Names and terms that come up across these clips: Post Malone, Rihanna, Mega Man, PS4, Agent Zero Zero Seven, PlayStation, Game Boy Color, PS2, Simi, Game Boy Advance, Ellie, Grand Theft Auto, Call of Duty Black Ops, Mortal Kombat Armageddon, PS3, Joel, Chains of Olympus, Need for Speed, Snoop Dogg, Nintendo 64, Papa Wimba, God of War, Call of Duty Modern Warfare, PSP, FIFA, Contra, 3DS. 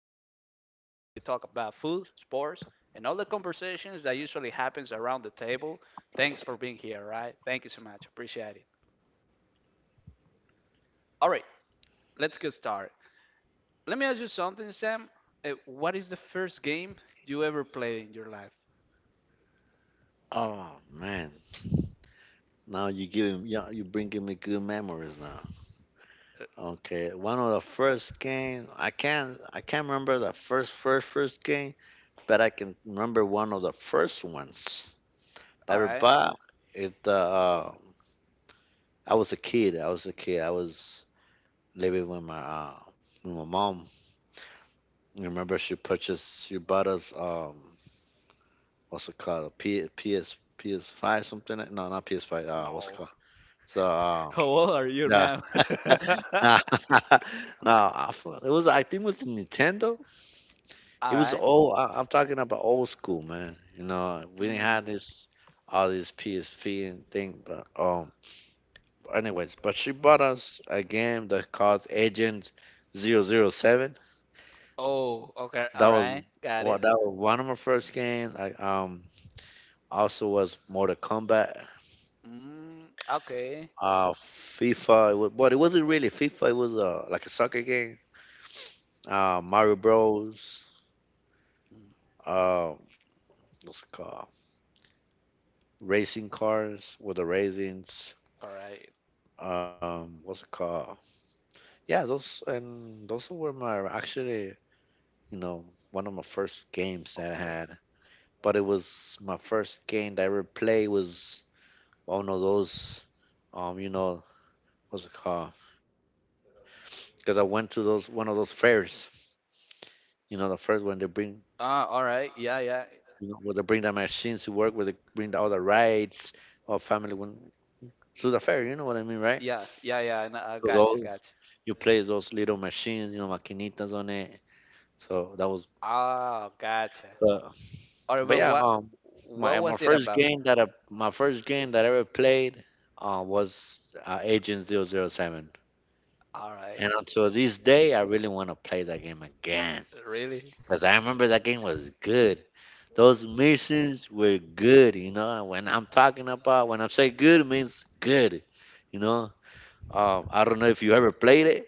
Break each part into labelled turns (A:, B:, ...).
A: is a place where we talk about food, sports, and all the conversations that usually happens around the table. Thanks for being here, right? Thank you so much. Appreciate it. All right, let's get started. Let me ask you something, Sam. What is the first game you ever played in your life?
B: Oh man. Now you giving, yeah, you bringing me good memories now. Okay, one of the first game I can't remember the first game, but I can remember one of the first ones
A: All
B: that we
A: right?
B: bought. It I was a kid. I was a kid. I was living with my mom. I remember she bought us what's it called, a P, PS PS5 something like, no, not PS5, what's it
A: No.
B: called, so
A: How old are you
B: the,
A: now?
B: nah, no, I fo, it was, I think it was the Nintendo.
A: All
B: It was
A: right.
B: old. I'm talking about old school, man. You know, we didn't have
A: Hmm.
B: this all this PSP and thing, but anyways, but she bought us a game that called Agent 007.
A: Oh, okay.
B: That
A: All
B: was
A: right. Got it.
B: what, that was one of my first games. I also was Mortal Kombat,
A: Okay.
B: FIFA. It wasn't really FIFA. It was like a soccer game. Mario Bros.
A: Mm,
B: Uh, what's it called? Racing cars with the raisins.
A: all right.
B: What's it called? Yeah, those, and those were my actually, you know, one of my first games that I
A: Okay.
B: had. But it was my first game that I ever played was one of those, you know, what's it called? Because I went to those, one of those fairs. You know, the first, when they bring,
A: Ah, all right. Yeah, yeah,
B: you know, where they bring the machines to work, where they bring all the rides, all family when through the fair. You know what I mean, right?
A: yeah, yeah, yeah.
B: So
A: Gotcha,
B: those,
A: gotcha.
B: you play those little machines, you know, maquinitas on it. So that was,
A: Ah, gotcha.
B: uh,
A: All right,
B: but
A: but
B: yeah,
A: what
B: um,
A: what
B: my my
A: was it
B: first
A: about?
B: game that I my first game that I ever played, was Agent 007,
A: All right.
B: and until this day, I really want to play that game again
A: Really?
B: because I remember that game was good. Those missions were good, you know. When I'm talking about, when I say good, it means good, you know. I don't know if you ever played it.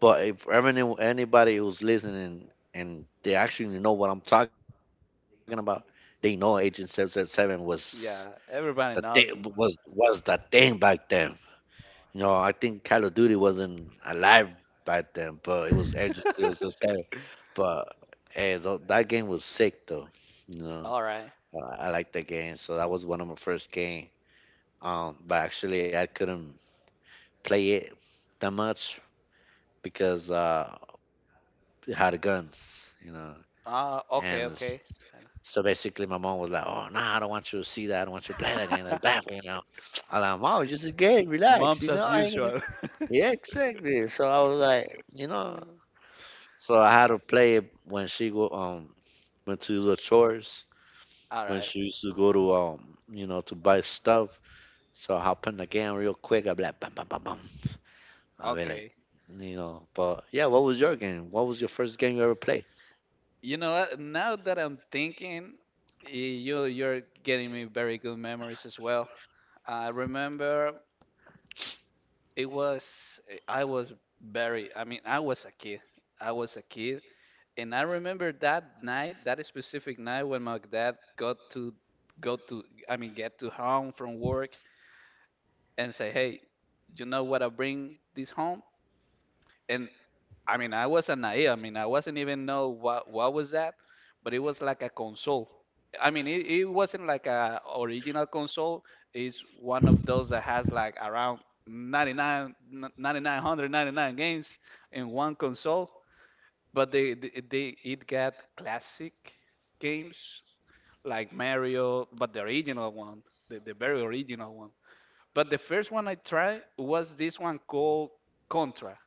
B: But if any, anybody who's listening and they actually know what I'm talking about, they know Agent zero zero 007 was
A: Yeah.
B: the thing,
A: Everybody knows him.
B: was the thing back then. You know, I think Call of Duty wasn't alive back then, but it was Agent zero zero 007. But hey, that game was sick though. You know,
A: All right.
B: I like that game, so that was one of my first game. But actually, I couldn't play it that much because it had guns. You know, And
A: Ah,
B: s-
A: okay.
B: so basically, my mom was like, "Oh, nah, I don't want you to see that. I don't want you to play that game. That's bad for you." Now, I'm like, "Mom, it's just a game. Relax. You
A: Mumps
B: know,
A: as
B: I ain't gonna."
A: usual.
B: Yeah, exactly. So I was like, you know, so I had to play it when she go went to the chores
A: All
B: when
A: right.
B: she used to go to you know, to buy stuff. So I hop in the game real quick. I'd be like, bam, bam, bam, bam. I'd be like,
A: Okay.
B: you know. But yeah, what was your game? What was your first game you ever played?
A: You know what? Now that I'm thinking, y- you're getting me very good memories as well. I remember it was I was very I mean I was a kid. I was a kid and I remember that night, that specific night when my dad got to go to I mean get to home from work and say, "Hey, you know what I bring this home?" And I mean, I wasn't naive. I mean, I wasn't even know what was that, but it was like a console. I mean, it wasn't like a original console. It's one of those that has like around 99, 9,999 games in one console. But they it got classic games like Mario, but the original one, the very original one. But the first one I tried was this one called Contra.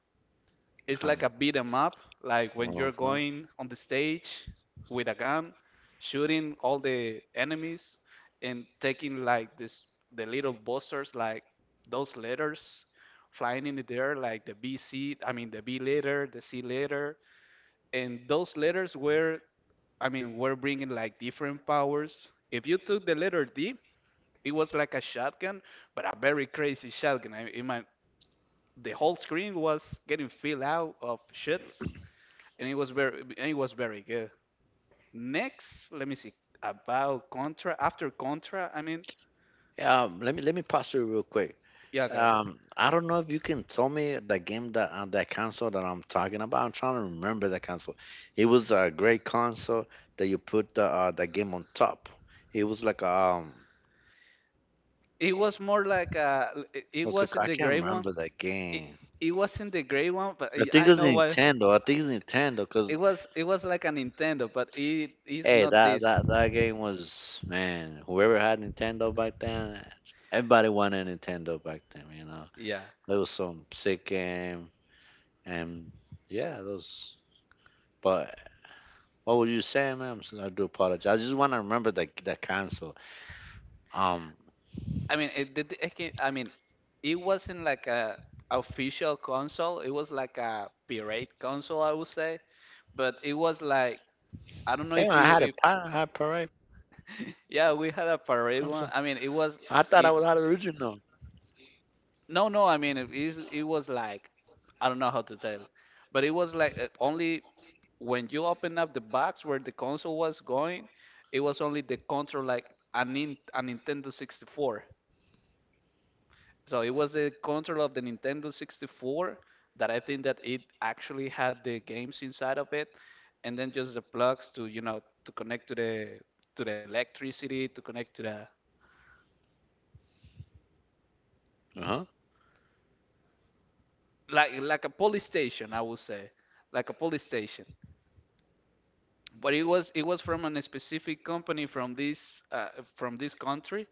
A: It's
B: Um,
A: like a beat 'em up, like when you're
B: okay.
A: going on the stage with a gun, shooting all the enemies and taking like this the little busters, like those letters flying in the air, like the B C. I mean the B letter, the C letter, and those letters were, I mean, were bringing like different powers. If you took the letter D, it was like a shotgun, but a very crazy shotgun. It might, the whole screen was getting filled out of shits, and it was very good. Next, let me see about Contra. After Contra, I mean,
B: Let me pass you real quick.
A: yeah, okay, yeah.
B: I don't know if you can tell me the game that that console that I'm talking about. I'm trying to remember the console. It was a great console that you put the game on top. It was like
A: It was more like it
B: what's it called?
A: wasn't
B: I
A: the
B: can't
A: gray one.
B: remember that
A: It
B: game.
A: it wasn't the gray one, but
B: I
A: I
B: think
A: I
B: it was
A: know what
B: Nintendo. I think it's Nintendo
A: it
B: because
A: was. It was like a Nintendo, but it is
B: hey,
A: not this.
B: that game was, man. Whoever had Nintendo back then, everybody wanted a Nintendo back then. You know,
A: Yeah.
B: it was some sick game, and yeah, those. But what were you saying, man? I do apologize. I just want to remember that console. Um,
A: I mean, it did. I mean, it wasn't like a official console. It was like a pirate console, I would say. But it was like I don't know
B: damn,
A: if you if
B: I had a pirate console.
A: yeah,
B: I
A: we
B: thought
A: had
B: I
A: a
B: was out of the
A: pirate one.
B: region
A: I mean, it
B: though.
A: was it, no, no. I mean, it is it was like I don't know how to tell, it, but it was like only when you open up the box where the console was going, it was only the control like a Nintendo 64. So it was the controller of the Nintendo 64 that I think that it actually had the games inside of it, and then just the plugs to you know to connect to the electricity, to connect to the
B: Uh huh.
A: like a police station, I would say, like a police station. But it was from a specific company from this country,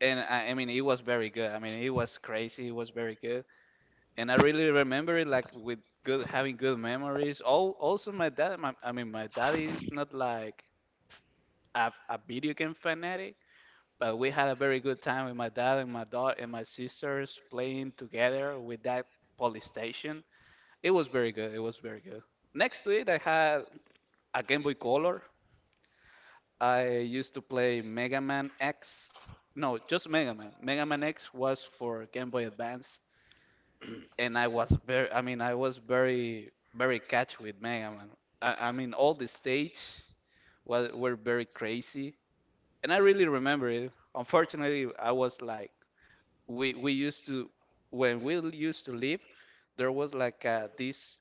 A: and I mean it was very good. I mean it was crazy. It was very good, and I really remember it like with good having good memories. All, also my dad, I mean my dad is not like a video game fanatic, but we had a very good time with my dad and my daughter and my sisters playing together with that PlayStation. It was very good. It was very good. Next to it, I had a Game Boy Color. I used to play Mega Man X. No, just Mega Man. Mega Man X was for Game Boy Advance, and I was very, I mean, I was very, very catch with Mega Man. I mean, all the stage was were very crazy, and I really remember it. Unfortunately, I was like, we used to when we used to live, there was like these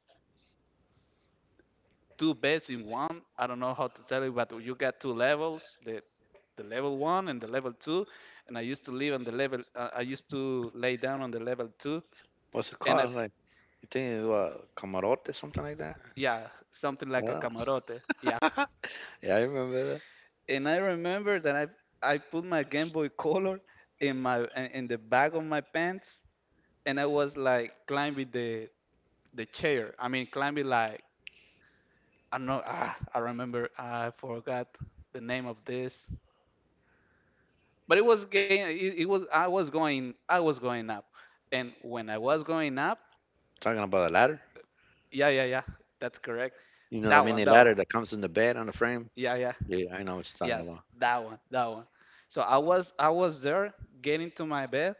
A: two beds in one. I don't know how to tell you, but you got two levels, the level one and the level two, and I used to live on the level. I used to lay down on the level two,
B: What's it
A: and I
B: called? Like, you think it's what, camarote, something like that.
A: yeah, something like a
B: Uh,
A: camarote. Yeah.
B: yeah, I remember that.
A: And I remember that I put my Game Boy Color in my in the back of my pants and I was like climbing the chair. I mean climbing like I know ah, I remember I forgot the name of this. But it was game it was I was going up. And when I was going up,
B: Talking about a ladder.
A: yeah, yeah, yeah. That's correct.
B: You know, the
A: That
B: mini
A: one, that one.
B: ladder that comes in the bed on the frame.
A: Yeah, yeah.
B: Yeah, I know what you're
A: Yeah,
B: talking about.
A: that one, that one. So I was there getting to my bed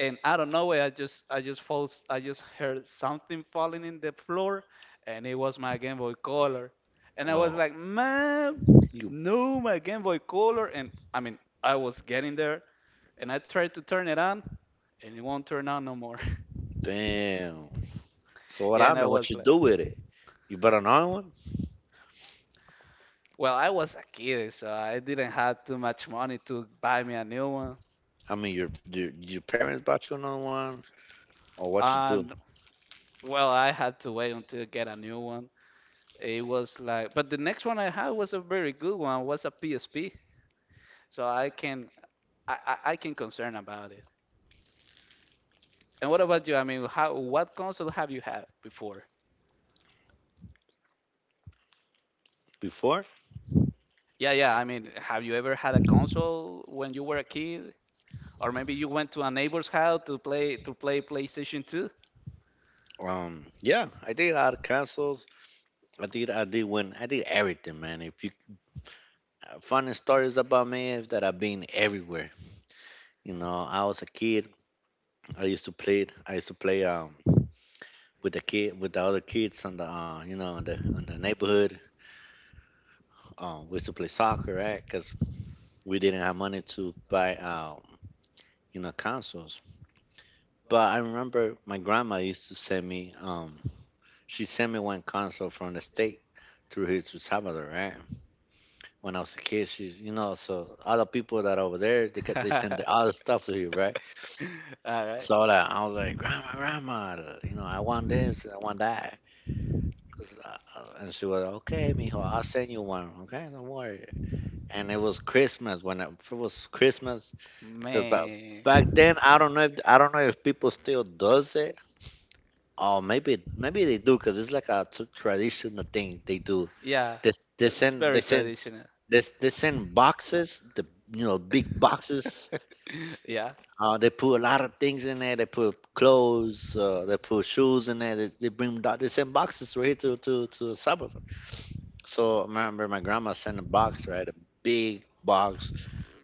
A: and out of nowhere I just falls I just heard something falling in the floor and it was my Game Boy Color. And I was
B: Oh,
A: like, man,
B: you,
A: no my Game Boy Color and I mean I was getting there and I tried to turn it on and it won't turn on no more.
B: damn. So what,
A: Yeah,
B: I
A: and I
B: mean, what
A: was
B: you
A: like,
B: do with it? You bought another one?
A: well, I was a kid, so I didn't have too much money to buy me a new one.
B: I mean, your parents bought you another one, or what you do
A: And well, I had to wait until I get a new one. It was like, but the next one I had was a very good one. Was a PSP, so I can I can concern about it. And what about you? I mean, how what console have you had before?
B: before.
A: Yeah, yeah. I mean, have you ever had a console when you were a kid, or maybe you went to a neighbor's house to play PlayStation 2?
B: Yeah, I did a lot of consoles. I did win. I did everything, man. If you, funny stories about me is that I've been everywhere. You know, I was a kid. I used to play. I used to play with the other kids on the you know, on the neighborhood. We used to play soccer, right? Because we didn't have money to buy you know, consoles. But I remember my grandma used to send me she sent me one console from the state through here to Salvador, right? When I was a kid, she, you know, so all the people that over there, they get, they send the, all the stuff to you, right?
A: All right,
B: So like, I was like, grandma, grandma, you know, I want this, I want that, and she was like, okay, mijo, I'll send you one, okay, don't worry. And it was Christmas when it was Christmas, because
A: man.
B: back then, I don't know if, I don't know if people still does it. Oh, maybe, maybe they do because it's like a traditional thing they do.
A: Yeah,
B: They
A: it's
B: send,
A: very traditional.
B: they send boxes, the you know, big boxes.
A: Yeah.
B: They put a lot of things in there. They put clothes. They put shoes in there. They bring they send boxes right here to Salvador. So I remember my grandma sent a box, right, a big box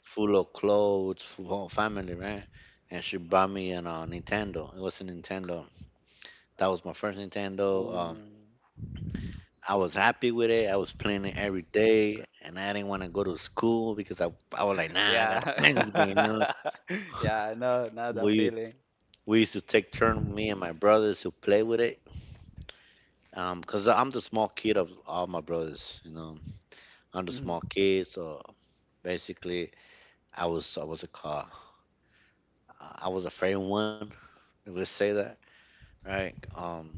B: full of clothes for whole family, right? And she bought me an Nintendo. It was a Nintendo. That was my first Nintendo.
A: Ooh.
B: I was happy with it. I was playing it every day, and I didn't want to go to school because I was like, nah, I gotta
A: Yeah.
B: play this game. You know?
A: Yeah, I know, not that
B: We
A: feeling.
B: we used to take turn, me and my brothers, to play with it. Cause I'm the small kid of all my brothers. You know, I'm the
A: Mhm.
B: small kid, so basically, I was a car. I was a favorite one. Let's say that, right?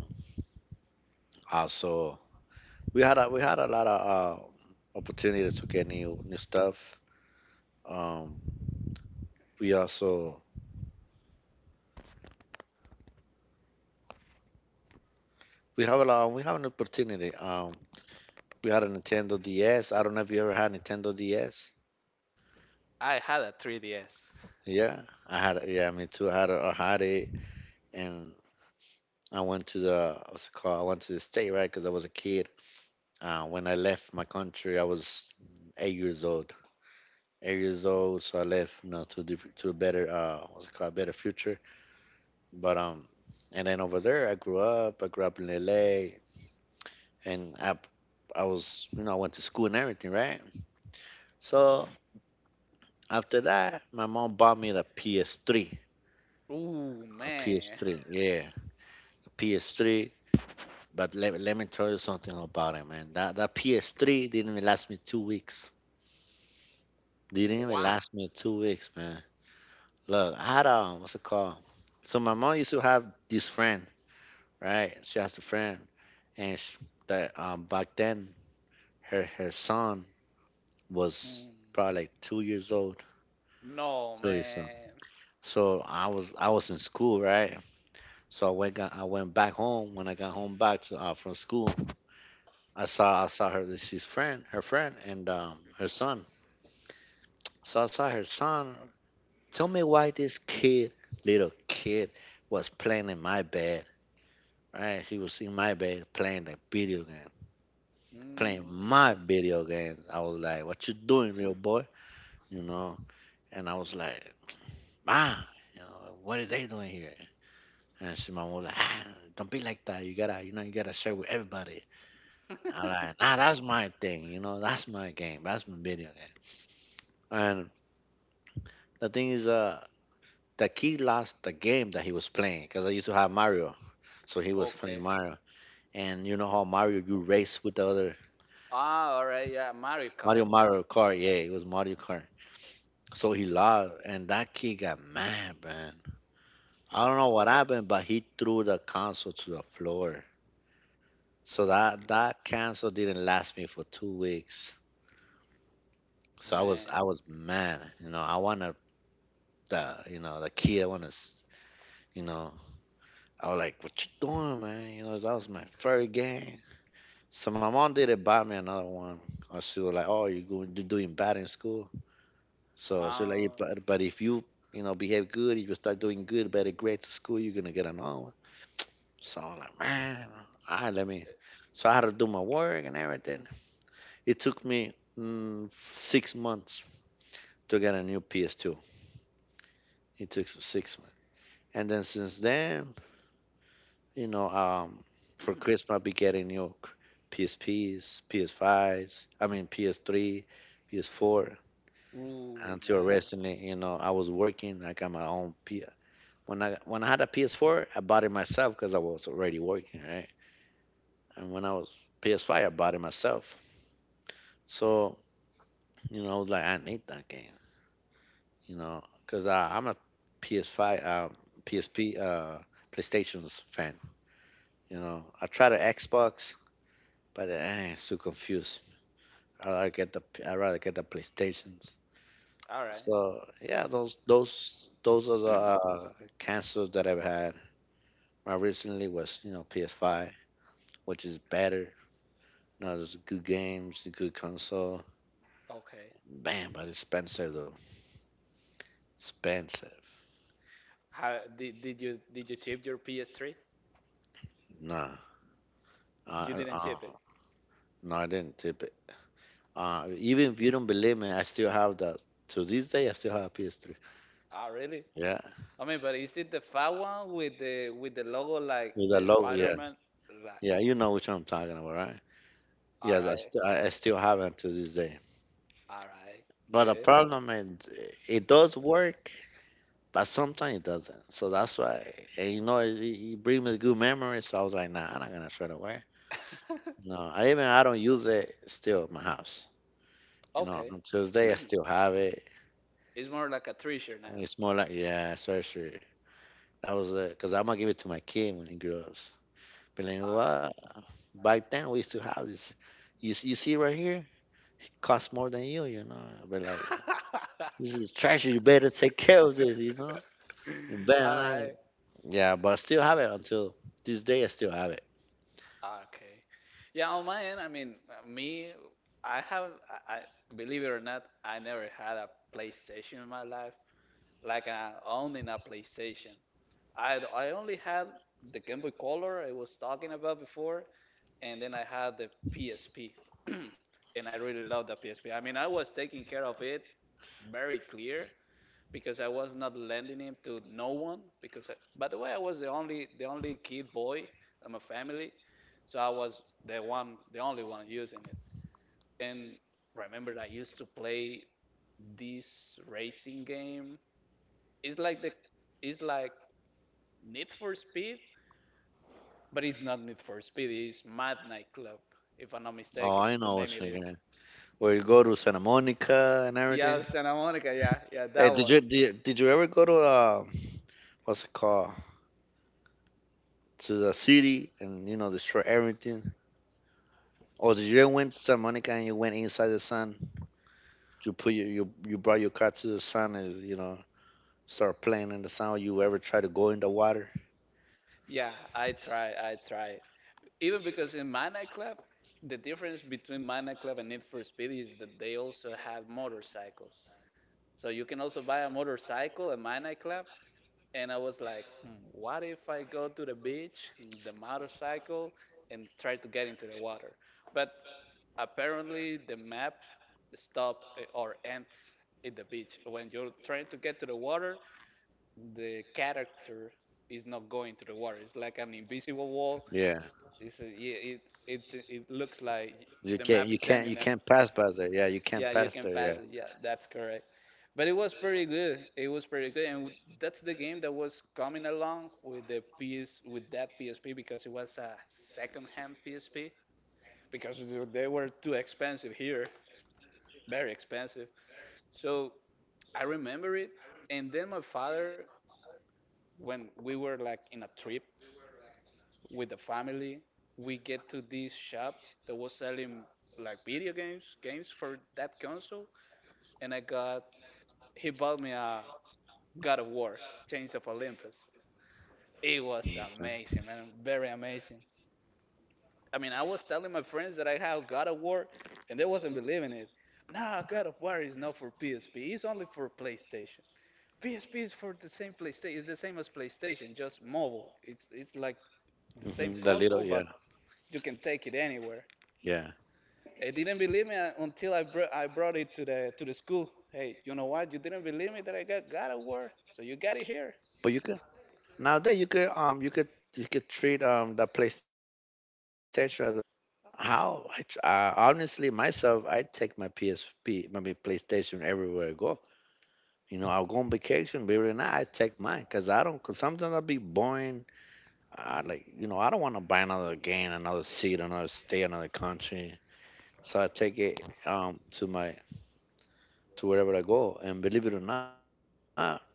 B: Also we had, a we had a lot of opportunities to get new stuff. Um, we also we have a lot, we have an opportunity. We had a Nintendo DS. I don't know if you ever had Nintendo DS.
A: I had a 3DS.
B: Yeah, I had it. Yeah, me too. I had. A, I had it, and I went to the, what's it called? I went to the state, right? Because I was a kid. When I left my country, I was 8 years old. 8 years old, so I left, you know, to a to a better what's it called, a better future. But and then over there, I grew up. I grew up in LA, and I was, you know, I went to school and everything, right? So after that, my mom bought me the PS3.
A: Ooh,
B: A
A: man.
B: PS3, yeah, a PS3. But let me tell you something about it, man. That PS3 didn't even last me 2 weeks. Didn't even
A: Wow.
B: last me 2 weeks, man. Look, I had a, what's it called? So my mom used to have this friend, right? She has a friend, and sh that back then her son was
A: Mm.
B: probably like 2 years old,
A: No,
B: 2 years old.
A: man.
B: So I was in school, right? So I went back home. When I got home back to, from school, I saw, I saw her. Her friend, and her son. So I saw her son. Tell me why this kid, little kid, was playing in my bed. Right, he was in my bed playing the video game, playing
A: Mm.
B: my video games. I was like, "What you doing, little boy?" You know. And I was like, "Ma, you know, what are they doing here?" And she, my mom was like, ah, "Don't be like that. You gotta, you know, you gotta share with everybody." All right. Nah, that's my thing, you know, that's my game. That's my video game. And the thing is, the kid lost the game that he was playing because I used to have Mario, so he was playing
A: Okay.
B: Mario. And you know how Mario, you race with the other
A: Ah, all right. Yeah, Mario
B: Mario,
A: Kart.
B: Mario Kart, It was Mario Kart. So he lost, and that kid got mad, man. I don't know what happened, but he threw the console to the floor. So that console didn't last me for 2 weeks. So I was
A: Man.
B: I was mad, you know. I wanted the, the kid. I want to. You know, I was like, "What you doing, man?" You know, that was my first game. So my mom didn't buy me another one. She was like, "Oh, you're going, you're doing bad in school." So she was like,
A: Ah,
B: "Yeah, but if you you know behave good, if you start doing good, better grades at school, you're gonna get another one." So I was like, "Man, all right, let me." So I had to do my work and everything. It took me 6 months to get a new PS2. It took 6 months, and then since then, you know, for Christmas, I'll be getting, you know, PSPs, PS3, PS4.
A: ooh,
B: Until
A: man.
B: recently, you know, I was working. I got my own P. When I had a PS4, I bought it myself because I was already working, right? And when I was PS5, I bought it myself. So, you know, I was like, I need that game, you know, because I'm a PS5, um, PSP, PlayStation's fan. You know, I tried an Xbox, but I it's too confused. I rather get the PlayStations.
A: All right.
B: So yeah, those are the cancers that I've had. My recently was, you know, PS5, which is better. You know, there's good games, a good console.
A: Okay.
B: Bam, but expensive though. Expensive.
A: How did you chip your PS3?
B: Nah,
A: You
B: uh, uh,
A: didn't
B: uh,
A: chip it.
B: no, I didn't tip it. Even if you don't believe me, I still have the. To this day, I still have a PS3.
A: Ah, really?
B: Yeah,
A: I mean, but is it the fat one with the logo like
B: with a
A: the
B: logo. Yeah,
A: Spider-Man? Like,
B: yeah, you know which one I'm talking about, right?
A: all
B: Yes, I,
A: right,
B: st- I still have it to this day.
A: all right,
B: But the
A: good.
B: problem is, it does work, but sometimes it doesn't. So that's why, and you know, it brings me good memories. So I was like, nah, I'm not gonna throw it away. No, I even I don't use it still in my house. You know,
A: Okay,
B: on Tuesday I still have it.
A: it's more like a treasure now.
B: And it's more like, yeah, surgery. That was it, because I'm gonna give it to my kid when he grows. But like,
A: All
B: what? Back then we used to have this. You see right here, it costs more than you. You know, but like
A: right.
B: this is treasure. You better take care of this. You know, you better
A: All
B: not.
A: right.
B: Yeah, but I still have it until this day. I still have it.
A: Okay. Yeah, on my end, I mean, I have, I believe it or not, I never had a PlayStation in my life, like owning a PlayStation. I only had the Game Boy Color I was talking about before, and then I had the PSP, and I really loved the PSP. I mean, I was taking care of it very clear because I was not lending him to no one because I, by the way I was the only kid boy in my family so I was the only one using it and remember I used to play this racing game it's like it's like Need for Speed, but it's not Need for Speed. It's Mad Nightclub, if I'm not
B: Oh,
A: mistaken.
B: I
A: The
B: know
A: name
B: what
A: it
B: you're
A: is.
B: gonna. Where you go to Santa Monica and everything.
A: Yeah, Santa Monica. Yeah, yeah,
B: Hey,
A: that
B: did
A: one.
B: you did, did you ever go to, what's it called, to the city and, you know, destroy everything? Or did you went to Santa Monica and you went inside the sun? You put your, you brought your car to the sun and, you know, start playing in the sun. You ever try to go in the water?
A: I try. Even because in my nightclub, the difference between my nightclub and Need for Speed is that they also have motorcycles. So you can also buy a motorcycle at my nightclub, and I was like, hmm, what if I go to the beach, the motorcycle, and try to get into the water? But apparently, the map stop or ends at the beach. When you're trying to get to the water, the character is not going to the water. It's like an invisible
B: Yeah,
A: wall. Yeah, it's, it looks
B: you
A: like
B: can't you
A: the
B: can't you
A: map is
B: can't
A: ending, eh?
B: pass by there. Yeah, you can't pass
A: Yeah, you can
B: there.
A: pass it. Yeah, that's correct. But it was pretty good. It was pretty good, and that's the game that was coming along with the PS with that PSP because it was a second-hand PSP because they were too expensive here, very expensive. So I remember it, and then my father, when we were like in a trip with the family. We get to this shop that was selling like video games, games for that console, and I got he bought me a God of War, Chains of Olympus. It was
B: Yeah,
A: amazing, man, very amazing. I mean, I was telling my friends that I have God of War, and they wasn't believing it. Nah, God of War is not for PSP. It's only for PlayStation. PSP is for the same PlayStation. It's the same as PlayStation, just mobile. It's like the same
B: mm-hmm. The
A: console,
B: little,
A: but
B: yeah
A: you can take it anywhere.
B: yeah.
A: They didn't believe me until I brought it to the school. Hey, you know what? You didn't believe me that I got God of War, so you got it
B: But you
A: here.
B: could, nowadays you could, you could, you could treat the PlayStation as a PSP. Honestly, myself, I take my PSP, my PlayStation everywhere I go. You know, I'll go on vacation, believe it or not, I take mine because I don't. Cause sometimes I'll be boring. I
A: Mhm.
B: like, you know, I don't want to buy another game, another seat, another state, another country. So I take it to my, to wherever I go. And believe it or not,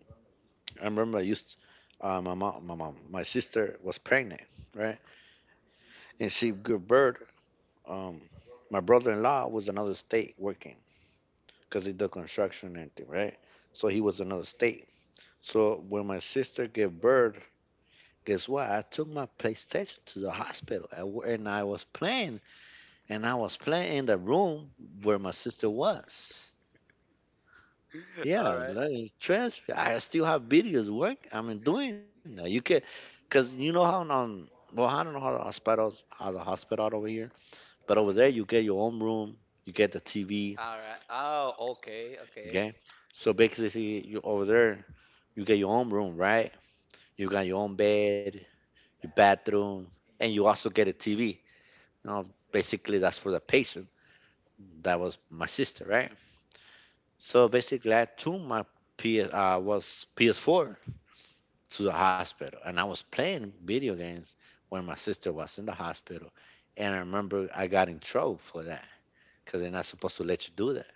B: I remember I used, my sister was pregnant, right? And see, good bird. Um, my brother-in-law was another state working because he did construction and everything, right? So he was another state. So when my sister gave birth, guess what? I took my PlayStation to the hospital and and I was playing, and I was playing in the room where my sister was.
A: All
B: Yeah,
A: right.
B: like, trust me, I still have videos work. I mean, doing that. You can, cause you know how on, well, I don't know how the hospitals, how the hospital over here, but over there, you get your own room, you get the TV,
A: All right. Oh, okay. Okay.
B: okay? So basically, you over there, you get your own room, right? You got your own bed, your bathroom, and you also get a TV. You know, basically, that's for the patient. That was my sister, right? So basically, I took my PS uh, was PS4 to the hospital, and I was playing video games when my sister was in the hospital. And I remember I got in trouble for that because they're not supposed to let you do that.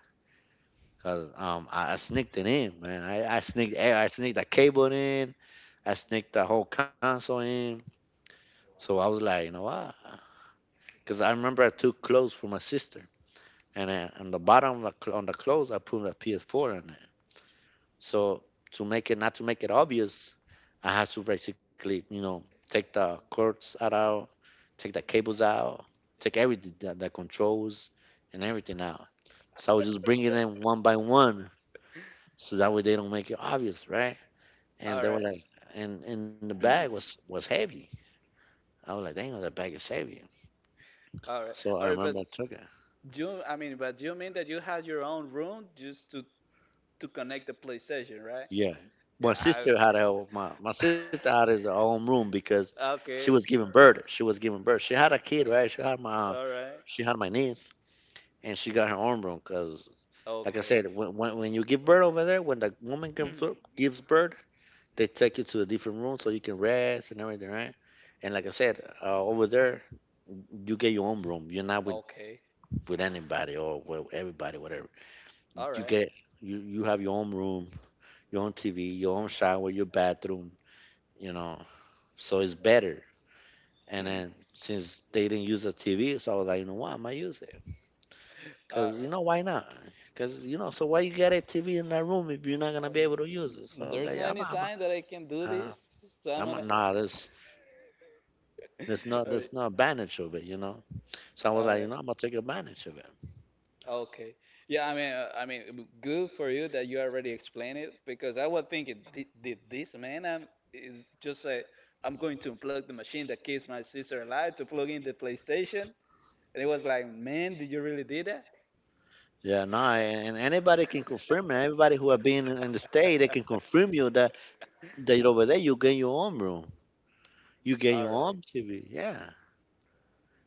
B: Cause I sneaked it in, man. I sneaked I sneaked the cable in. I sneaked the whole console in. So I was like, you know what? Cause I remember I took clothes for my sister, and I, on the bottom of the, on the clothes I put a PS4 on it. So to make it not, to make it obvious, I had to basically, you know, take the cords out, take the cables out, take everything, the controls and everything out. So I was just bringing them one by one, so that way they don't make it obvious, right? And
A: All
B: they were
A: right.
B: like, and the bag was heavy. I was like, dang, that bag is heavy.
A: All right.
B: So I
A: All right. But
B: remember I took it.
A: but you mean that you had your own room just to connect the PlayStation, right?
B: Yeah,
A: Yeah.
B: my
A: I,
B: sister had her, my sister had his own room because she
A: okay.
B: was giving birth. She was giving birth. She had a kid, right?
A: Uh,
B: She had
A: all right.
B: my niece, and she got her own room because, like I
A: Okay.
B: said, when you give birth over there, when the woman gives birth, they take you to a different room so you can rest and everything, right? And like I said, over there, you get your own room. You're not with,
A: okay.
B: anybody or with everybody, whatever.
A: All
B: You
A: right.
B: get, you have your own room, your own TV, your own shower, your bathroom. You know, so it's better. And then since they didn't use a TV, so I was like, you know what, I might use it
A: All
B: because, you
A: right.
B: know, why not? Because, you know, so why you got a TV in that room if you're not
A: I,
B: gonna be able to use it? So I was
A: there's no
B: like,
A: any sign that I can do
B: uh,
A: this, so I'm gonna.
B: I'm nah,
A: All right.
B: there's no advantage of it, you know. So I was
A: All
B: like, you
A: right.
B: know, I'm gonna take advantage of it.
A: Okay. Yeah, I mean, good for you that you already explained it because I was thinking, did this man is just like I'm going to unplug the machine that keeps my sister alive to plug in the PlayStation? And it was like, man, did you really do that?
B: Yeah, no, and anybody can confirm it. Everybody who have been in the state, they can confirm you that that over there you get your own room, you get
A: All
B: your
A: right.
B: own TV. Yeah,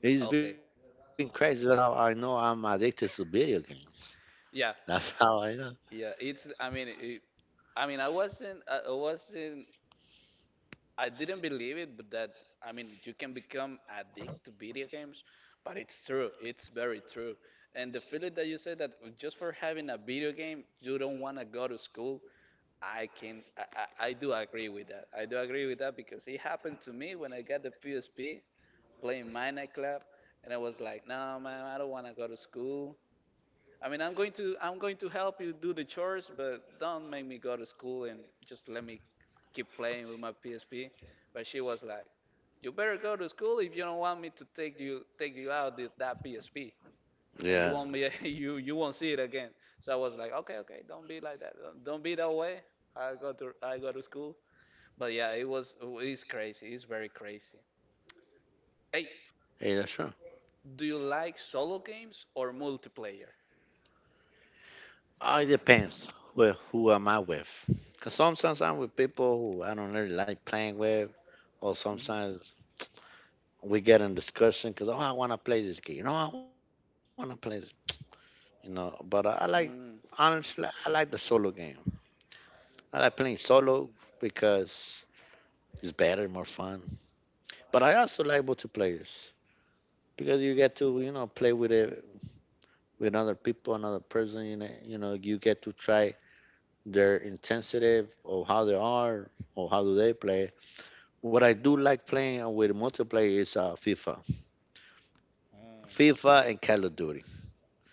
B: it's been
A: Okay.
B: crazy. That's how I know I'm addicted to video games.
A: Yeah.
B: That's how I know.
A: Yeah, it's. I mean, it, I mean, I wasn't. I wasn't. I didn't believe it, but that. I mean, you can become addicted to video games, but it's true. It's very true. And the feeling that you said that just for having a video game, you don't want to go to school. I can. I, I do agree with that. I do agree with that because it happened to me when I got the PSP playing Minecraft, and I was like, no man, I don't want to go to school. I mean, I'm going to help you do the chores, but don't make me go to school and just let me keep playing with my PSP. But she was like, "You better go to school if you don't want me to take you out that PSP, and you
B: Yeah,
A: won't be you won't see it again." So I was like, "Okay, okay, don't be like that. Don't be that way. I go to school." But yeah, it's crazy. It's very crazy. Hey,
B: yeah, that's true.
A: do you like solo games or multiplayer?
B: Oh, it depends. With who am I with? Cause sometimes I'm with people who I don't really like playing with, or
A: Mhm.
B: sometimes we get in discussion because, oh, I want to play this game. No, I want to play, you know. But I like,
A: Mm.
B: honestly, I like the solo game. I like playing solo because it's better, more fun. But I also like multiplayers because you get to, you know, play with it, with other people, another person. You know, you get to try their intensity or how they are or how do they play. What I do like playing with multiplayer is, FIFA,
A: Mm.
B: FIFA and Call of Duty.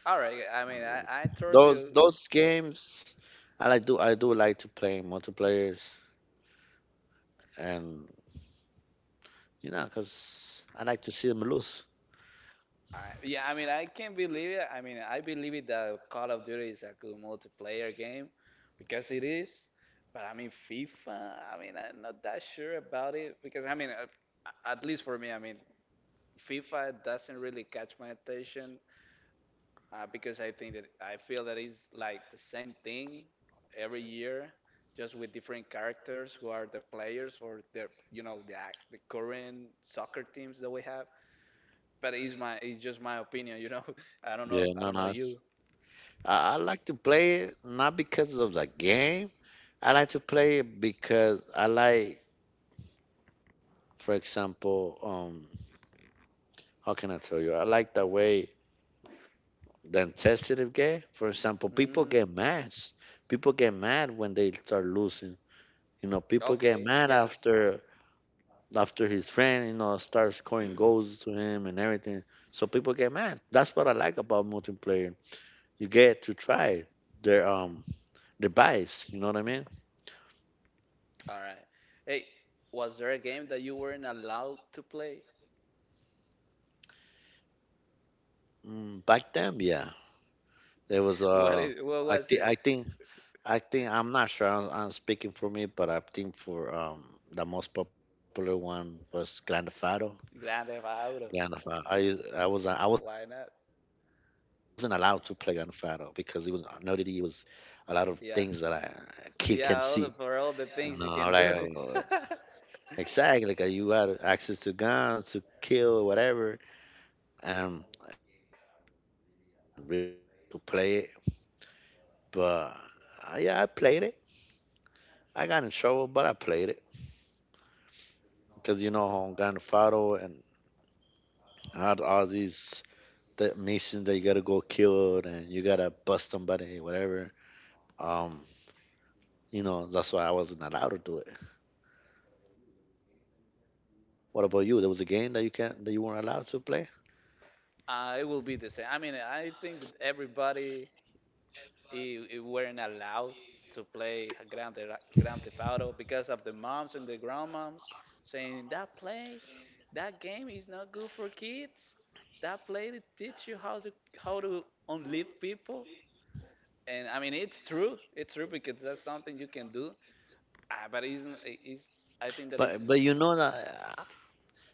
A: All right. I mean, I trust
B: Those
A: you.
B: those games, I like do, I do like to play multiplayers and, you know, because I like to see them lose.
A: All right. Yeah. I mean, I can't believe it. I mean, I believe it that Call of Duty is a good multiplayer game because it is. But I mean, FIFA. I mean, I'm not that sure about it because at least for me, I mean, FIFA doesn't really catch my attention because I feel that it's like the same thing every year, just with different characters who are the players for the you know the current soccer teams that we have. But it's just my opinion, you know.
B: Yeah,
A: I
B: no,
A: don't know
B: no.
A: you.
B: I like to play it not because of the game. I like to play it because I like, for example, how can I tell you? I like the way the intensity of game. For example, people
A: Mm,
B: get mad. People get mad when they start losing. You know, people get
A: okay,
B: mad
A: yeah.
B: after, his friend, you know, starts scoring goals to him and everything. So people get mad. That's what I like about multiplayer, you get to try their, their device. You know what I mean?
A: All right. Hey, was there a game that you weren't allowed to play?
B: Mm, back then, yeah, there was, uh,
A: What
B: I
A: was
B: think
A: it?
B: I think I think, I'm not sure. I'm speaking for me, but I think for the most popular one was Grand Theft Auto.
A: Grand Theft Auto.
B: Grand Theft Auto. I wasn't
A: Why not?
B: allowed to play Grand Theft Auto because it was nudity. It was a lot of things that
A: Yeah.
B: a kid can see.
A: Yeah, all the for all the
B: No,
A: things you
B: like
A: can do.
B: exactly, like you had access to guns to kill whatever. Um, yeah, that was the game that I wasn't really allowed to play, but yeah, I played it. I got in trouble, but I played it because you know how Grand Theft and had all the missions that you gotta go kill and you gotta bust somebody, whatever. Um, you know that's why I wasn't allowed to do it. What about you? There was a game that you weren't allowed to play,
A: It will be the same. I mean, I think that everybody it weren't allowed to play Grand Theft Auto because of the moms and the grandmoms saying that that game is not good for kids. That play to teach you how to unlive people. And I mean, it's true. It's true because that's something you can do. It's I think that is
B: but you know that. uh,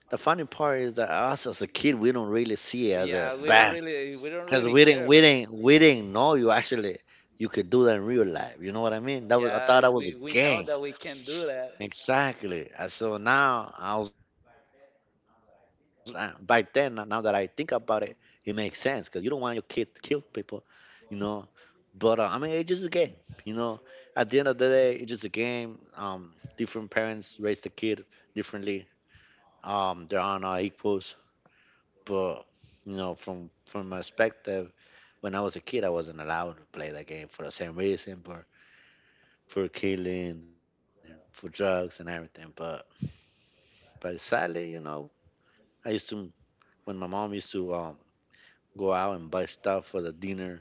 B: The funny part is that us as a kid, we don't really see it as a
A: yeah
B: bad
A: we don't
B: because
A: really
B: we didn't,
A: care
B: we
A: about.
B: didn't, we didn't know you could do that in real life. You know what I mean? That was I thought
A: Yeah,
B: that was a
A: we know
B: game.
A: that we can do that.
B: Exactly. And so now I was back then. Now that I think about it, it makes sense because you don't want your kid to kill people. You know. But I mean, it's just a game. You know. At the end of the day, it's just a game. Different parents raise the kid differently. There are not equal. But you know, from my perspective, when I was a kid, I wasn't allowed to play that game for the same reason, but for killing, and for drugs and everything. But sadly, you know, I used to when my mom used to go out and buy stuff for the dinner.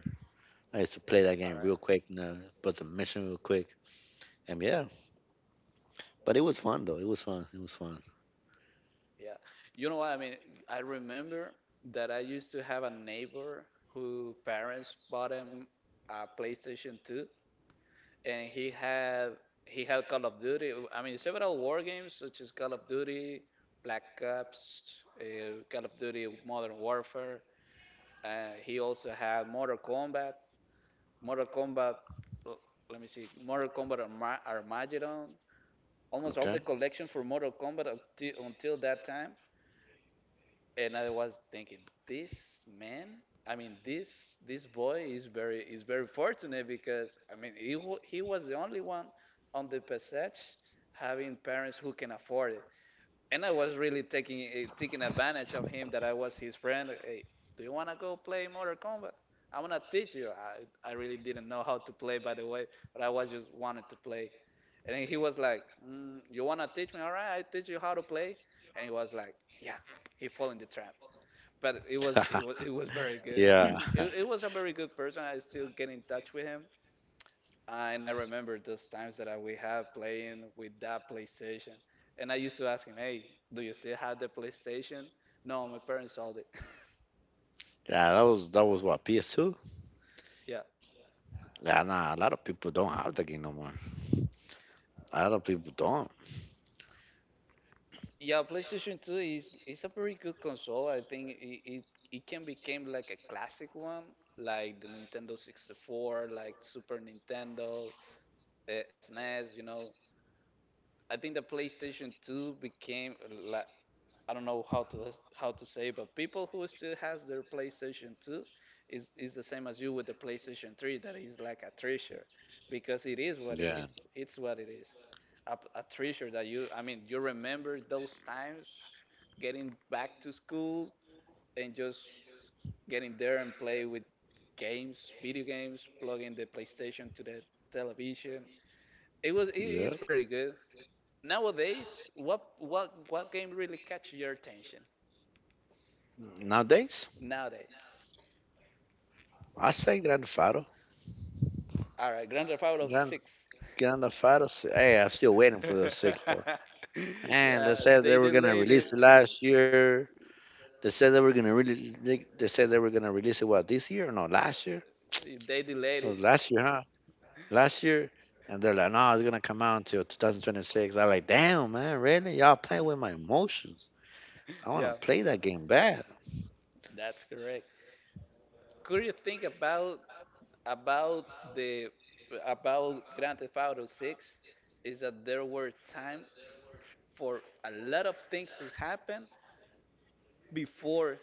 B: I used to play that
A: All
B: game
A: right.
B: real quick, you know, put some mission real quick, and yeah. But it was fun though. It was fun. It was fun.
A: Yeah. You know what? I mean, I remember that I used to have a neighbor who parents bought him a PlayStation 2 and he had Call of Duty. I mean, several war games such as Call of Duty, Black Ops, Call of Duty Modern Warfare. He also had Mortal Kombat, l- let me see, Armageddon. Almost all
B: Okay.
A: the collection for Mortal Kombat until that time and I was thinking, this man, I mean, this boy is very fortunate because I mean, he was the only one on the passage having parents who can afford it, and I was really taking taking advantage of him that I was his friend. Hey, do you wanna go play Mortal Kombat? I'm gonna teach you. I really didn't know how to play, by the way, but I was just wanted to play. And he was like, mm, "You wanna teach me? All right, I teach you how to play." And he was like, "Yeah." He fall in the trap but it was very
B: Yeah.
A: good. It was a very good person. I still get in touch with him, and I remember those times that we had playing with that PlayStation. And I used to ask him, "Hey, do you still have the PlayStation?" No, my parents sold it.
B: Yeah, that was what, PS2.
A: yeah,
B: Yeah, nah, a lot of people don't have the game no more. A lot of people don't.
A: yeah. PlayStation Two is a very good console. I think it, it it can become like a classic one, like the Nintendo 64, like Super Nintendo, eh, SNES. You know, I think the PlayStation 2 became like I don't know how to say, but people who still has their PlayStation 2 is the same as you with the PlayStation 3 that is like a treasure because it is
B: Yeah,
A: what it is. It's what it is. A treasure that you remember those times getting back to school and just getting there and play with games, video games, plugging the PlayStation to the television. It,
B: yeah.
A: it's pretty good. Nowadays, what game really catches your attention?
B: Nowadays,
A: Nowadays,
B: I say Grand Faro.
A: all right, Grand Theft Auto
B: Grand,
A: Six.
B: Grand Faro. Hey, I'm still waiting for the sixth though. And they
A: yeah,
B: said
A: they
B: they were gonna
A: delayed
B: release
A: it.
B: it last year. They said they were gonna really. They said they were gonna release it what, this year? No, last year.
A: They delayed
B: It
A: it.
B: was last year, huh? Last year. And they're like, no, it's gonna come out until 2026. I'm like, damn, man, really? Y'all playing with my emotions. I wanna
A: Yeah,
B: play that game bad.
A: that's correct. Could you think about the about Grand Theft Auto 6 is that there were time for a lot of things to happen before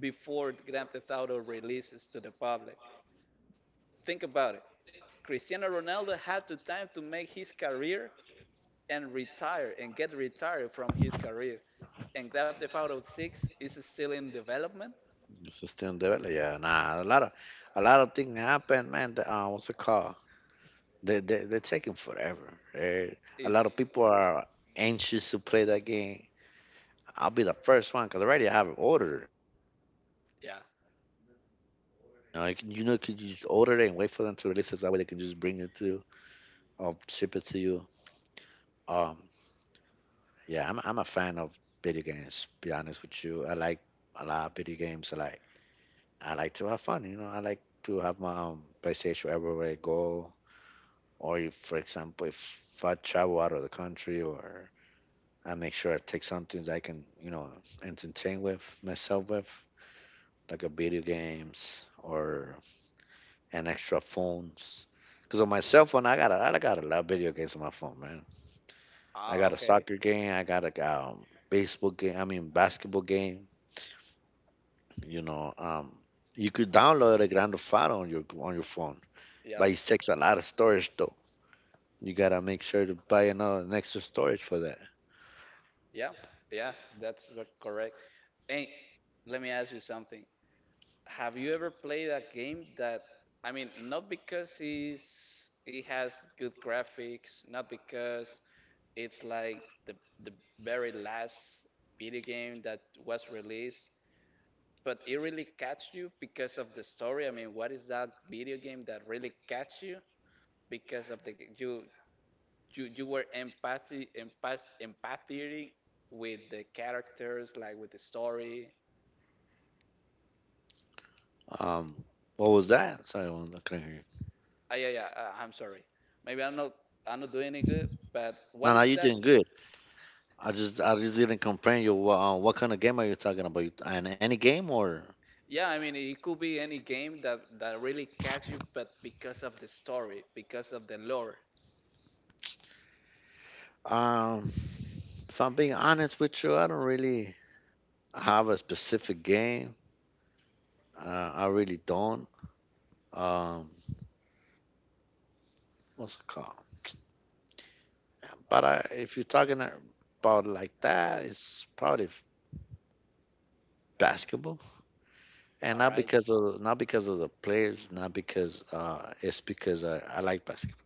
A: before Grand Theft Auto releases to the public. Think about it. Cristiano Ronaldo had the time to make his career and retire and get retired from his career. And Grand Theft Auto 6 is still in development.
B: It's still in development. Yeah, nah. A lot of things happened, man. What's it called? They're taking forever. A lot
A: It's
B: of people are anxious to play that game. I'll be the first one because already I have it ordered.
A: yeah.
B: You know, could you just order it and wait for them to release it? That way they can just bring it to you or ship it to you. Um, yeah, I'm a fan of video games. Be honest with you, I like a lot of video games. I like to have fun. You know, I like to have my PlayStation everywhere I go. Or if, for example, if I travel out of the country or I make sure I take something that I can, you know, entertain with myself with, like a video games or an extra phones. Cause on my cell phone, I got a lot of video games on my phone, man. I
A: Ah,
B: got a
A: okay.
B: soccer game, I got a baseball game, I mean basketball game. You know, you could download a Grand Theft Auto on your phone,
A: Yeah.
B: but it takes a lot of storage though. You gotta make sure to buy another an extra storage for that.
A: Yeah. Yeah, that's the correct. Hey, let me ask you something. Have you ever played a game that, I mean, not because it has good graphics, not because it's like the very last video game that was released, but it really catch you because of the story. I mean, what is that video game that really catch you because of the you were empathying with the characters, like with the story,
B: Um, what was that? Sorry, I couldn't hear you.
A: Ah, yeah, yeah. I'm sorry. Maybe I'm not. I'm not doing any good. But
B: No,
A: what
B: no,
A: is
B: you're
A: that?
B: doing good. I just didn't comprehend you. What kind of game are you talking about? You- An Any game or?
A: Yeah, I mean, it could be any game that really catch you, but because of the story, because of the lore.
B: Um, if I'm being honest with you, I don't really have a specific game. Uh, I really don't. Um, what's it called? But if you're talking about like that, it's probably basketball, and
A: All
B: not
A: right.
B: because of the players, not because it's because I like basketball.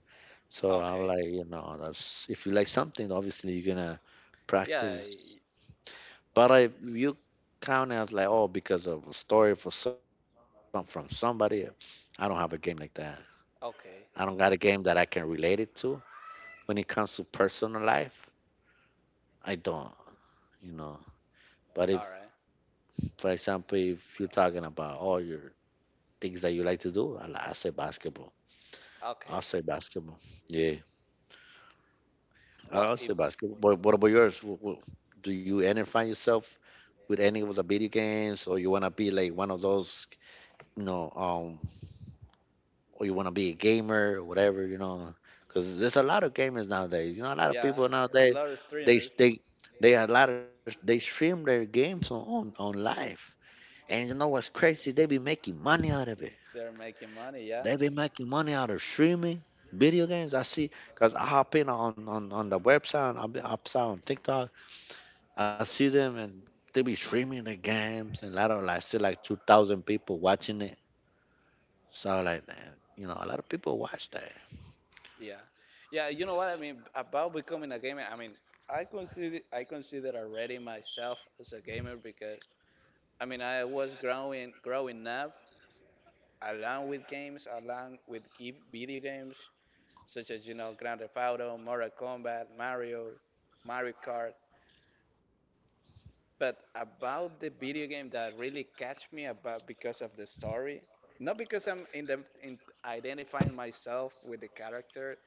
B: So I'm
A: Okay.
B: like, you know, that's if you like something, obviously you're gonna
A: Yeah.
B: practice.
A: I-
B: But if you count as like, oh, because of a story for some from somebody, I don't have a game like that. I don't got
A: Okay.
B: a game that I can relate it to. When it comes to personal life, I don't, you know. But
A: All
B: if,
A: right.
B: for example, if you're talking about all your things that you like to do, I say basketball. I'll
A: Okay.
B: say basketball. Yeah,
A: Well,
B: I'll
A: if
B: say basketball. But what about yours? Do you identify yourself with any of the video games, or you wanna be like one of those, you know, or you want to be a gamer or whatever, you know, because there's a lot of gamers nowadays. You know, a lot of
A: yeah,
B: people
A: a
B: nowadays
A: lot of
B: they
A: streamers,
B: they they a lot of they stream their games on on live, and you know what's crazy? They be making money out of it.
A: they're making money. Yeah.
B: They be making money out of streaming video games. I see, cause I hop in on the website, and I saw on TikTok. I see them and they be streaming the games, and a lot of like see like 2,000 people watching it. So like, you know, a lot of people watch that.
A: Yeah. Yeah. You know what I mean about becoming a gamer. I mean, I consider already myself as a gamer because I mean, I was growing up along with games, along with video games, such as you know Grand Theft Auto, Mortal Kombat, Mario Kart. But about the video game that really catch me about because of the story, not because I'm in identifying myself with the character.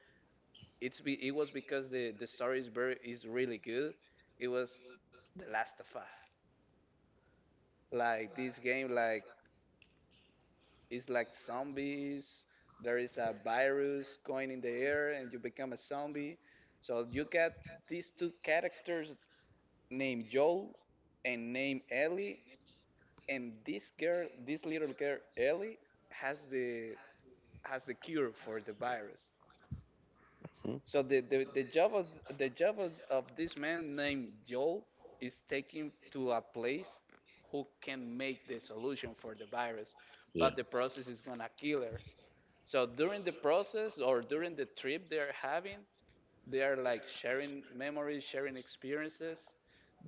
A: It's it was because the story is very is really good. It was The Last of Us. Like this game, it's like zombies. There is a virus going in the air, and you become a zombie. So you got these two characters named Joel and named Ellie, and this girl, this little girl Ellie, has the has the cure for the virus.
B: Hmm?
A: So the job of of this man named Joel is taking to a place who can make the solution for the virus,
B: Yeah,
A: but the process is gonna kill her. So during the process or during the trip they're having, they are like sharing memories, sharing experiences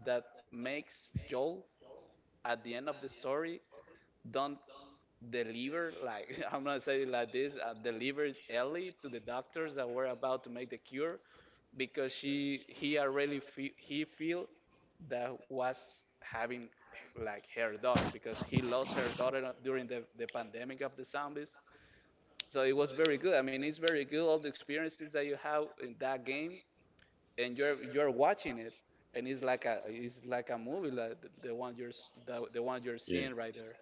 A: that makes Joel at the end of the story don't deliver like I'm gonna say it like this, delivered Ellie to the doctors that were about to make the cure because she he already he feel that was having like her daughter because he lost her daughter during the pandemic of the zombies so it was very good. I mean, it's very good, all the experiences that you have in that game, and you're watching it, and it's like a movie like the one you're
B: yeah.
A: seeing right there.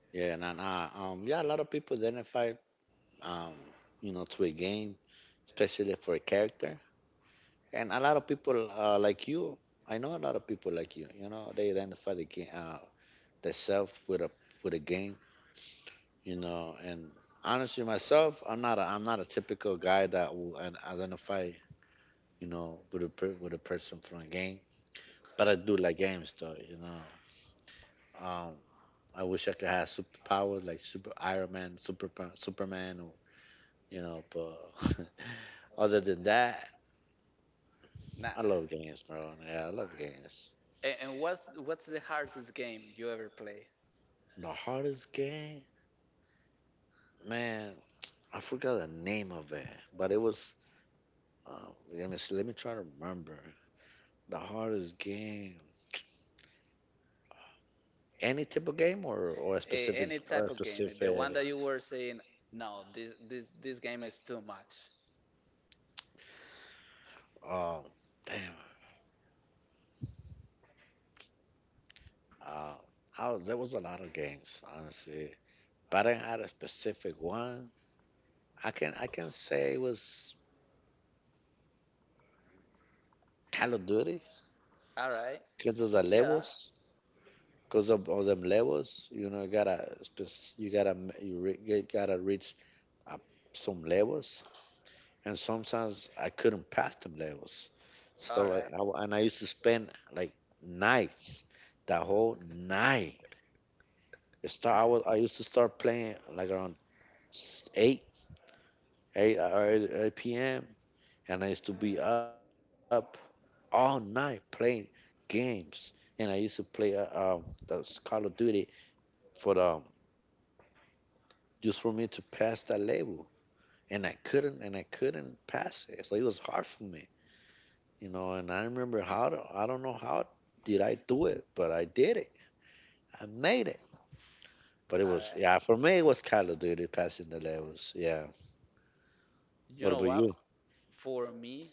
B: Yeah, and then, yeah, a lot of people identify, um, you know, to a game, especially for a character. And a lot of people like you, I know a lot of people like you. You know, they identify the game, themselves with a game. You know, and honestly, myself, I'm not a typical guy that will identify, you know, with with a person from a game. But I do like games, though. You know, um, I wish I could have superpowers like Super Iron Man, Super Superman, or. You know, but other than that,
A: Nah.
B: I love games, bro. Yeah, I love games.
A: And what's the hardest game you ever play?
B: The hardest game, man, I forgot the name of it, but it was. Let me see, let me try to remember the hardest game. Any type of game or or a
A: A,
B: specific
A: any
B: or a
A: type of game, the one
B: specific.
A: that you were saying, no, this game is too much.
B: Um, Damn. Uh, there was a lot of games, honestly, but I didn't have a specific one. I can say it was Call of Duty
A: All right.
B: because of the
A: Yeah.
B: levels. Because of them levels, you know you gotta reach up some levels, and sometimes I couldn't pass them levels
A: All
B: so like
A: right.
B: and I used to spend like nights the whole night. It start I was I used to start playing like around 8 8 or 8 p.m., and I used to be up all night playing games, and I used to play those Call of Duty for the just for me to pass that level, and I couldn't pass it. So it was hard for me, you know. And I remember I don't know how did I do it, but I did it. I made it. But it
A: All
B: was
A: right.
B: Yeah, for me it was Call of Duty passing the levels. Yeah.
A: You
B: What
A: know
B: about
A: what?
B: you?
A: For me,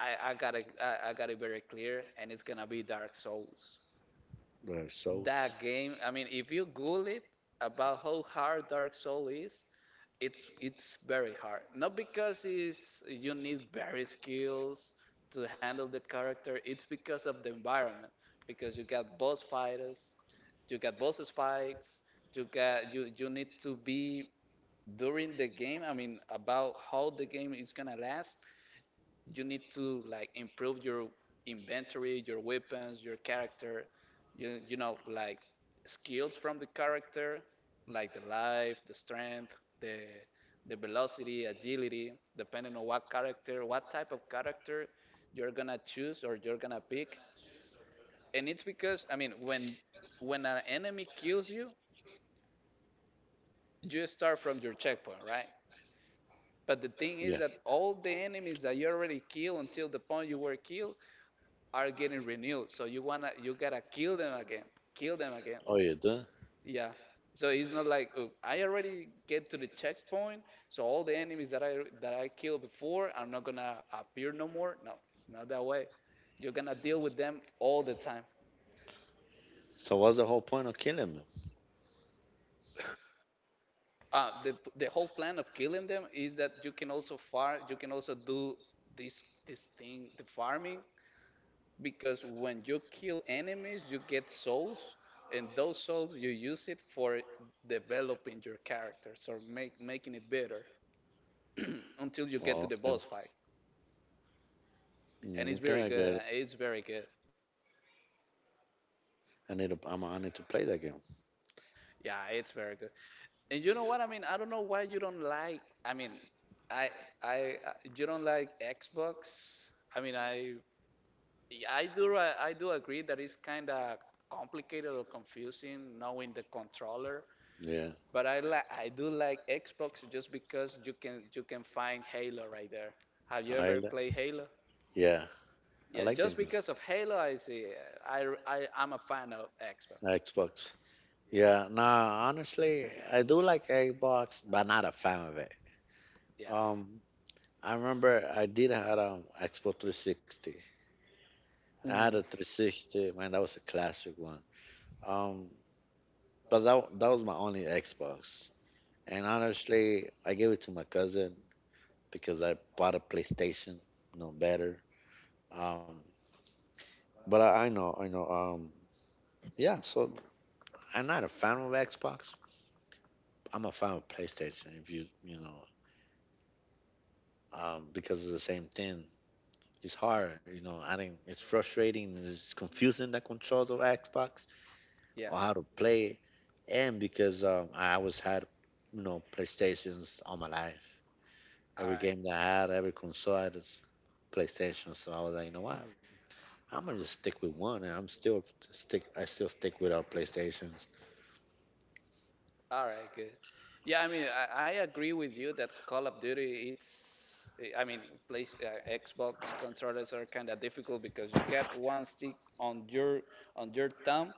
A: I got it very clear, and it's gonna be Dark Souls.
B: So
A: That game, I mean, if you Google it about how hard Dark Soul is, it's very hard. Not because it's you need very skills to handle the character. It's because of the environment. Because you got boss fighters, you got bosses fights. You got you you need to be during the game. I mean, about how the game is gonna last, you need to like improve your inventory, your weapons, your character, like skills from the character, like the life, the strength, the the velocity, agility, depending on what character, what type of character you're gonna choose or you're gonna pick. And it's because, I mean, when an enemy kills you, you start from your checkpoint, right? But the thing
B: yeah.
A: is that all the enemies that you already killed until the point you were killed are getting renewed. So you wanna you gotta kill them again, kill them again.
B: Oh, you do.
A: Yeah. So it's not like, "Oh, I already get to the checkpoint, so all the enemies that I killed before I'm not gonna appear no more." No, it's not that way. You're gonna deal with them all the time.
B: So what's the whole point of killing me?
A: The whole plan of killing them is that you can also far, you can also do this thing, the farming, because when you kill enemies you get souls, and those souls you use it for developing your characters or make making it better until you get to
B: Oh,
A: the
B: okay.
A: boss fight, and it's
B: Okay, I
A: very
B: get
A: good,
B: it.
A: it's very good,
B: I need to. I'm. I need to play that game.
A: yeah, it's very good. And you know what I mean, I don't know why you don't like, I mean, i I you don't like Xbox. I mean, I do, I do agree that it's kind of complicated or confusing knowing the controller.
B: Yeah.
A: But I like, I do like Xbox, just because you can find Halo right there. Have you
B: I
A: ever
B: like. That.
A: played Halo?
B: Yeah, I
A: Yeah,
B: like the
A: just
B: game.
A: because of Halo, I see. I'm a fan of Xbox.
B: Xbox. Yeah, nah, honestly, I do like Xbox, but not a fan of it.
A: Yeah,
B: Um, I remember I did had Xbox 360. I had a
A: ooh,
B: 360, man, that was a classic one. Um, but that was my only Xbox. And honestly, I gave it to my cousin because I bought a PlayStation, no better. Um, but I know, I know. Yeah, so I'm not a fan of Xbox. I'm a fan of PlayStation. If you, because it's the same thing. It's hard, you know. I think it's frustrating. It's confusing the controls of Xbox
A: yeah.
B: or how to play, it. And because I always had, you know, PlayStations all my life.
A: All
B: Every
A: right.
B: game that I had, every console, I had is PlayStation. So I was like, you know what? I'm gonna just stick with one, and I still stick with our PlayStations.
A: All right, good. Yeah, I mean, I agree with you that Call of Duty, it's, eh, I mean, place Xbox controllers are kind of difficult, because you get one stick on your thumb,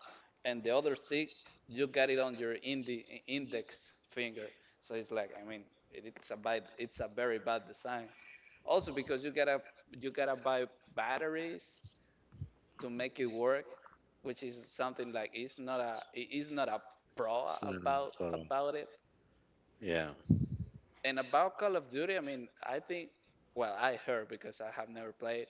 A: and the other stick you got it on your indi index finger. So it's like, I mean, it's a very bad design. Also because you gotta buy batteries to make it work, which is something like it's not a, it is not a pro
B: So, sort of,
A: about it.
B: yeah.
A: And about Call of Duty, I mean, I think, well, I heard, because I have never played,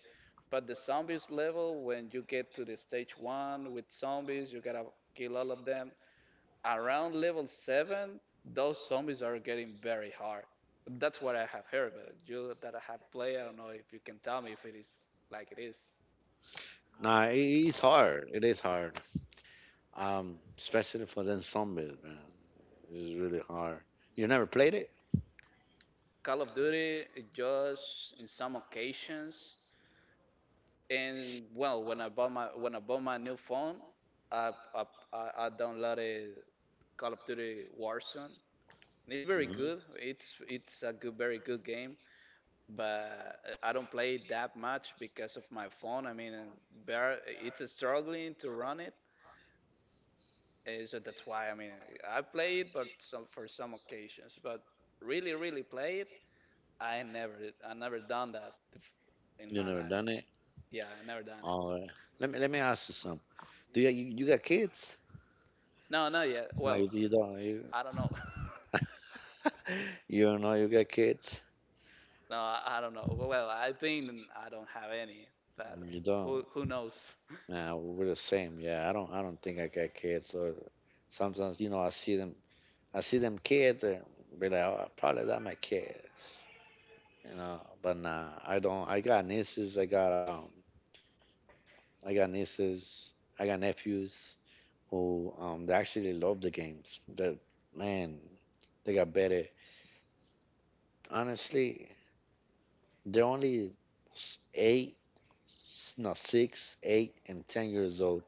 A: but the zombies level, when you get to the stage 1 with zombies, you got to kill all of them. Around level 7, those zombies are getting very hard. That's what I have heard, but you that I had played, I don't know if you can tell me if it is like it is.
B: Nah, it's hard. It is hard. Especially for them zombies, man. It's really hard. You never played it?
A: Call of Duty just in some occasions. And well, when I bought my when I bought my new phone, I I, I downloaded Call of Duty Warzone. And it's very
B: Hmm.
A: good. It's a good, very good game. But I don't play it that much because of my phone. I mean, bare- it's struggling to run it, and so that's why, I mean, I play it, but some for some occasions. But really, really play it, I never I never done that in
B: You
A: my
B: never
A: life.
B: done it?
A: Yeah, I never done it.
B: All right. Let me ask you something. Do you got kids?
A: No, not yet.
B: No, you,
A: Well,
B: you don't. You
A: I don't know.
B: you don't know you got kids?
A: no, I don't know. Well, I think I don't have any, but
B: No, you don't.
A: who knows?
B: Nah, we're the same. Yeah, I don't think I got kids. Or sometimes I see them kids and be like, oh, probably that my kid. But nah, I don't. I got nieces. I got nieces. I got nephews, who they actually love the games. That man, they got better. Honestly, they're only eight, no 6, 8, and 10 years old.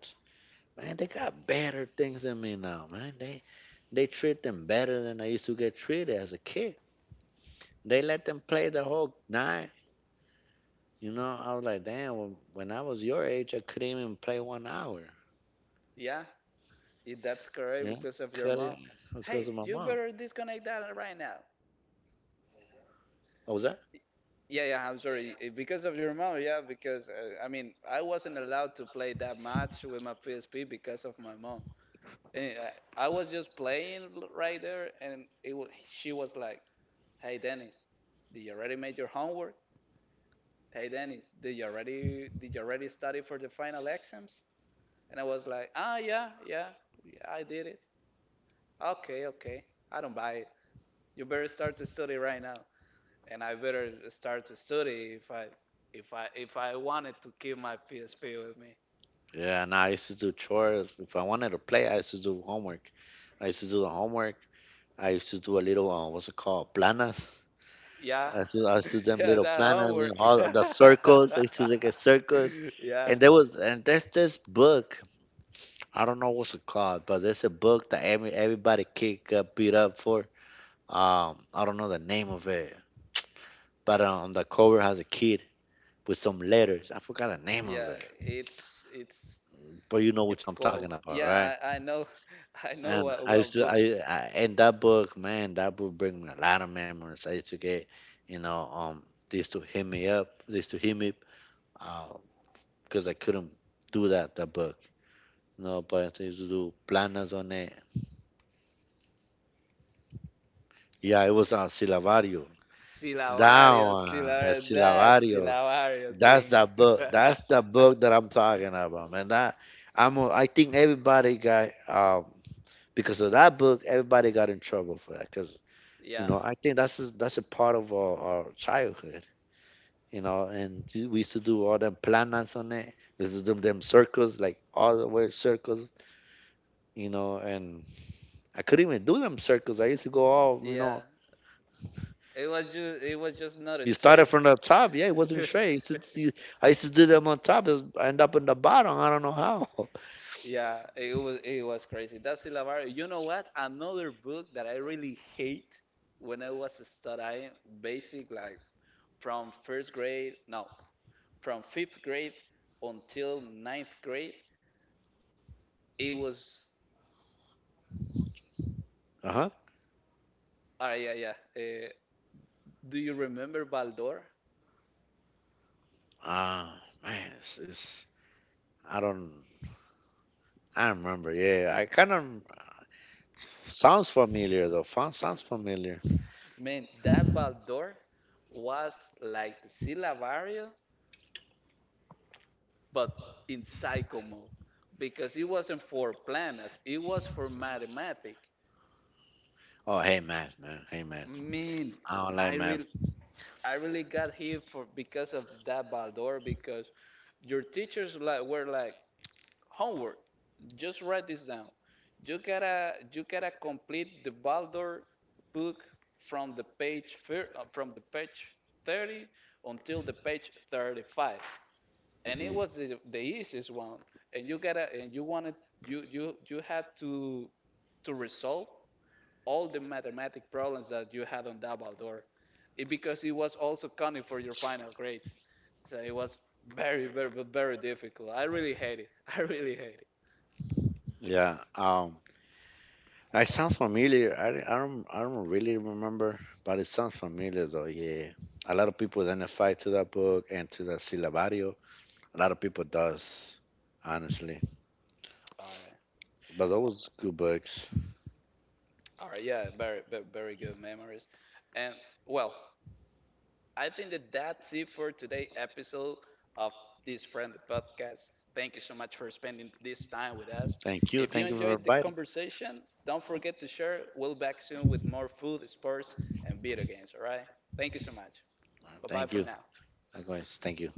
B: Man, they got better things than me now. Man, they treat them better than I used to get treated as a kid. They let them play the whole night. I was like, damn. When I was your age, I couldn't even play 1 hour.
A: yeah, if that's correct
B: Yeah,
A: because of your
B: cut
A: mom.
B: it because
A: Hey,
B: of my
A: you
B: mom.
A: better disconnect that right now.
B: What was that?
A: Yeah, yeah, I'm sorry. Eh, because of your mom, yeah, because I mean, I wasn't allowed to play that match with my PSP because of my mom. And I was just playing right there, and it wa she was like, "Hey, Dennis, did you already made your homework? Hey, Dennis, did you already study for the final exams?" And I was like, "Ah, yeah, yeah, yeah, I did it." "Okay, okay, I don't buy it. You better start to study right now," and I better start to study if I wanted to keep my PSP with me.
B: Yeah, and I used to do chores. If I wanted to play, I used to do homework. I used to do the homework. I used to do a little, what's it called, planas.
A: Yeah,
B: I used to do them
A: yeah,
B: little
A: that
B: planas,
A: homework.
B: all the circles. I used to make a circles.
A: yeah,
B: And there's this book. I don't know what's it called, but there's a book that everybody kid got beat up for. I don't know the name of it, but on the cover has a kid with some letters. I forgot the name of
A: yeah,
B: it,
A: it's
B: but you know which
A: it's
B: I'm
A: cool.
B: talking about, right?
A: Yeah, I know, I know
B: And I
A: what book.
B: in that book, man, that book bring me a lot of memories. I used to get, you know, um, they used to hit me up, they used to hit me, uh, because I couldn't do that book, but I used to do planas on it. Yeah, it was on Silavario. That
A: Silavario,
B: one, a
A: Silavario, that
B: Silavario.
A: Silavario
B: That's
A: thing.
B: the book. That's the book that I'm talking about, man. That I'm. I think everybody got because of that book, everybody got in trouble for that. Cause
A: yeah,
B: I think that's a part of our childhood. And we used to do all them planas on it. This is them circles, like all the way circles. And I couldn't even do them circles. I used to go all, you
A: yeah.
B: know.
A: It was just not a
B: You started
A: streak.
B: from the top, yeah. It wasn't straight. I used to, do- I used to do them on top. I end up in the bottom. I don't know how.
A: yeah, it was crazy. That Silavario. You know what? Another book that I really hate when I was studying, basic, like from first grade, no, from fifth grade until ninth grade, it was.
B: Uh huh.
A: Ah, yeah, yeah. Do you remember Baldor?
B: Ah, man, it's I don't I don't remember. Yeah, I kind of sounds familiar though. Sounds familiar.
A: Man, that Baldor was like the Silavario, but in psycho mode. Because it wasn't for planets, it was for mathematics.
B: Oh, hey, Matt, man. Hey, man.
A: Man,
B: Online
A: I
B: math.
A: really I really got here for because of that Baldor, because your teachers like were like, homework, just write this down. You gotta complete the Baldor book from the page from the page 30 until the page 35, and it
B: Mhm.
A: was the easiest one. And you gotta and you wanted you you you had to resolve all the mathematic problems that you had on that Baldor, it, because it was also counting for your final grades. So it was very, very difficult. I really hate it. I really hate it.
B: Yeah. It sounds familiar. I don't really remember, but it sounds familiar though. Yeah. A lot of people identify to that book and to the syllabario. A lot of people does, honestly.
A: All right.
B: But those good books.
A: All right. Yeah. Very, very good memories. And well, I think that that's it for today episode of this friendly podcast. Thank you so much for spending this time with us.
B: Thank you.
A: If you
B: Thank you for
A: enjoyed the
B: inviting.
A: conversation, don't forget to share. We'll back soon with more food, sports, and video games. All right. Thank you so much. Bye bye
B: Thank
A: for
B: you.
A: now.
B: Likewise. Thank you.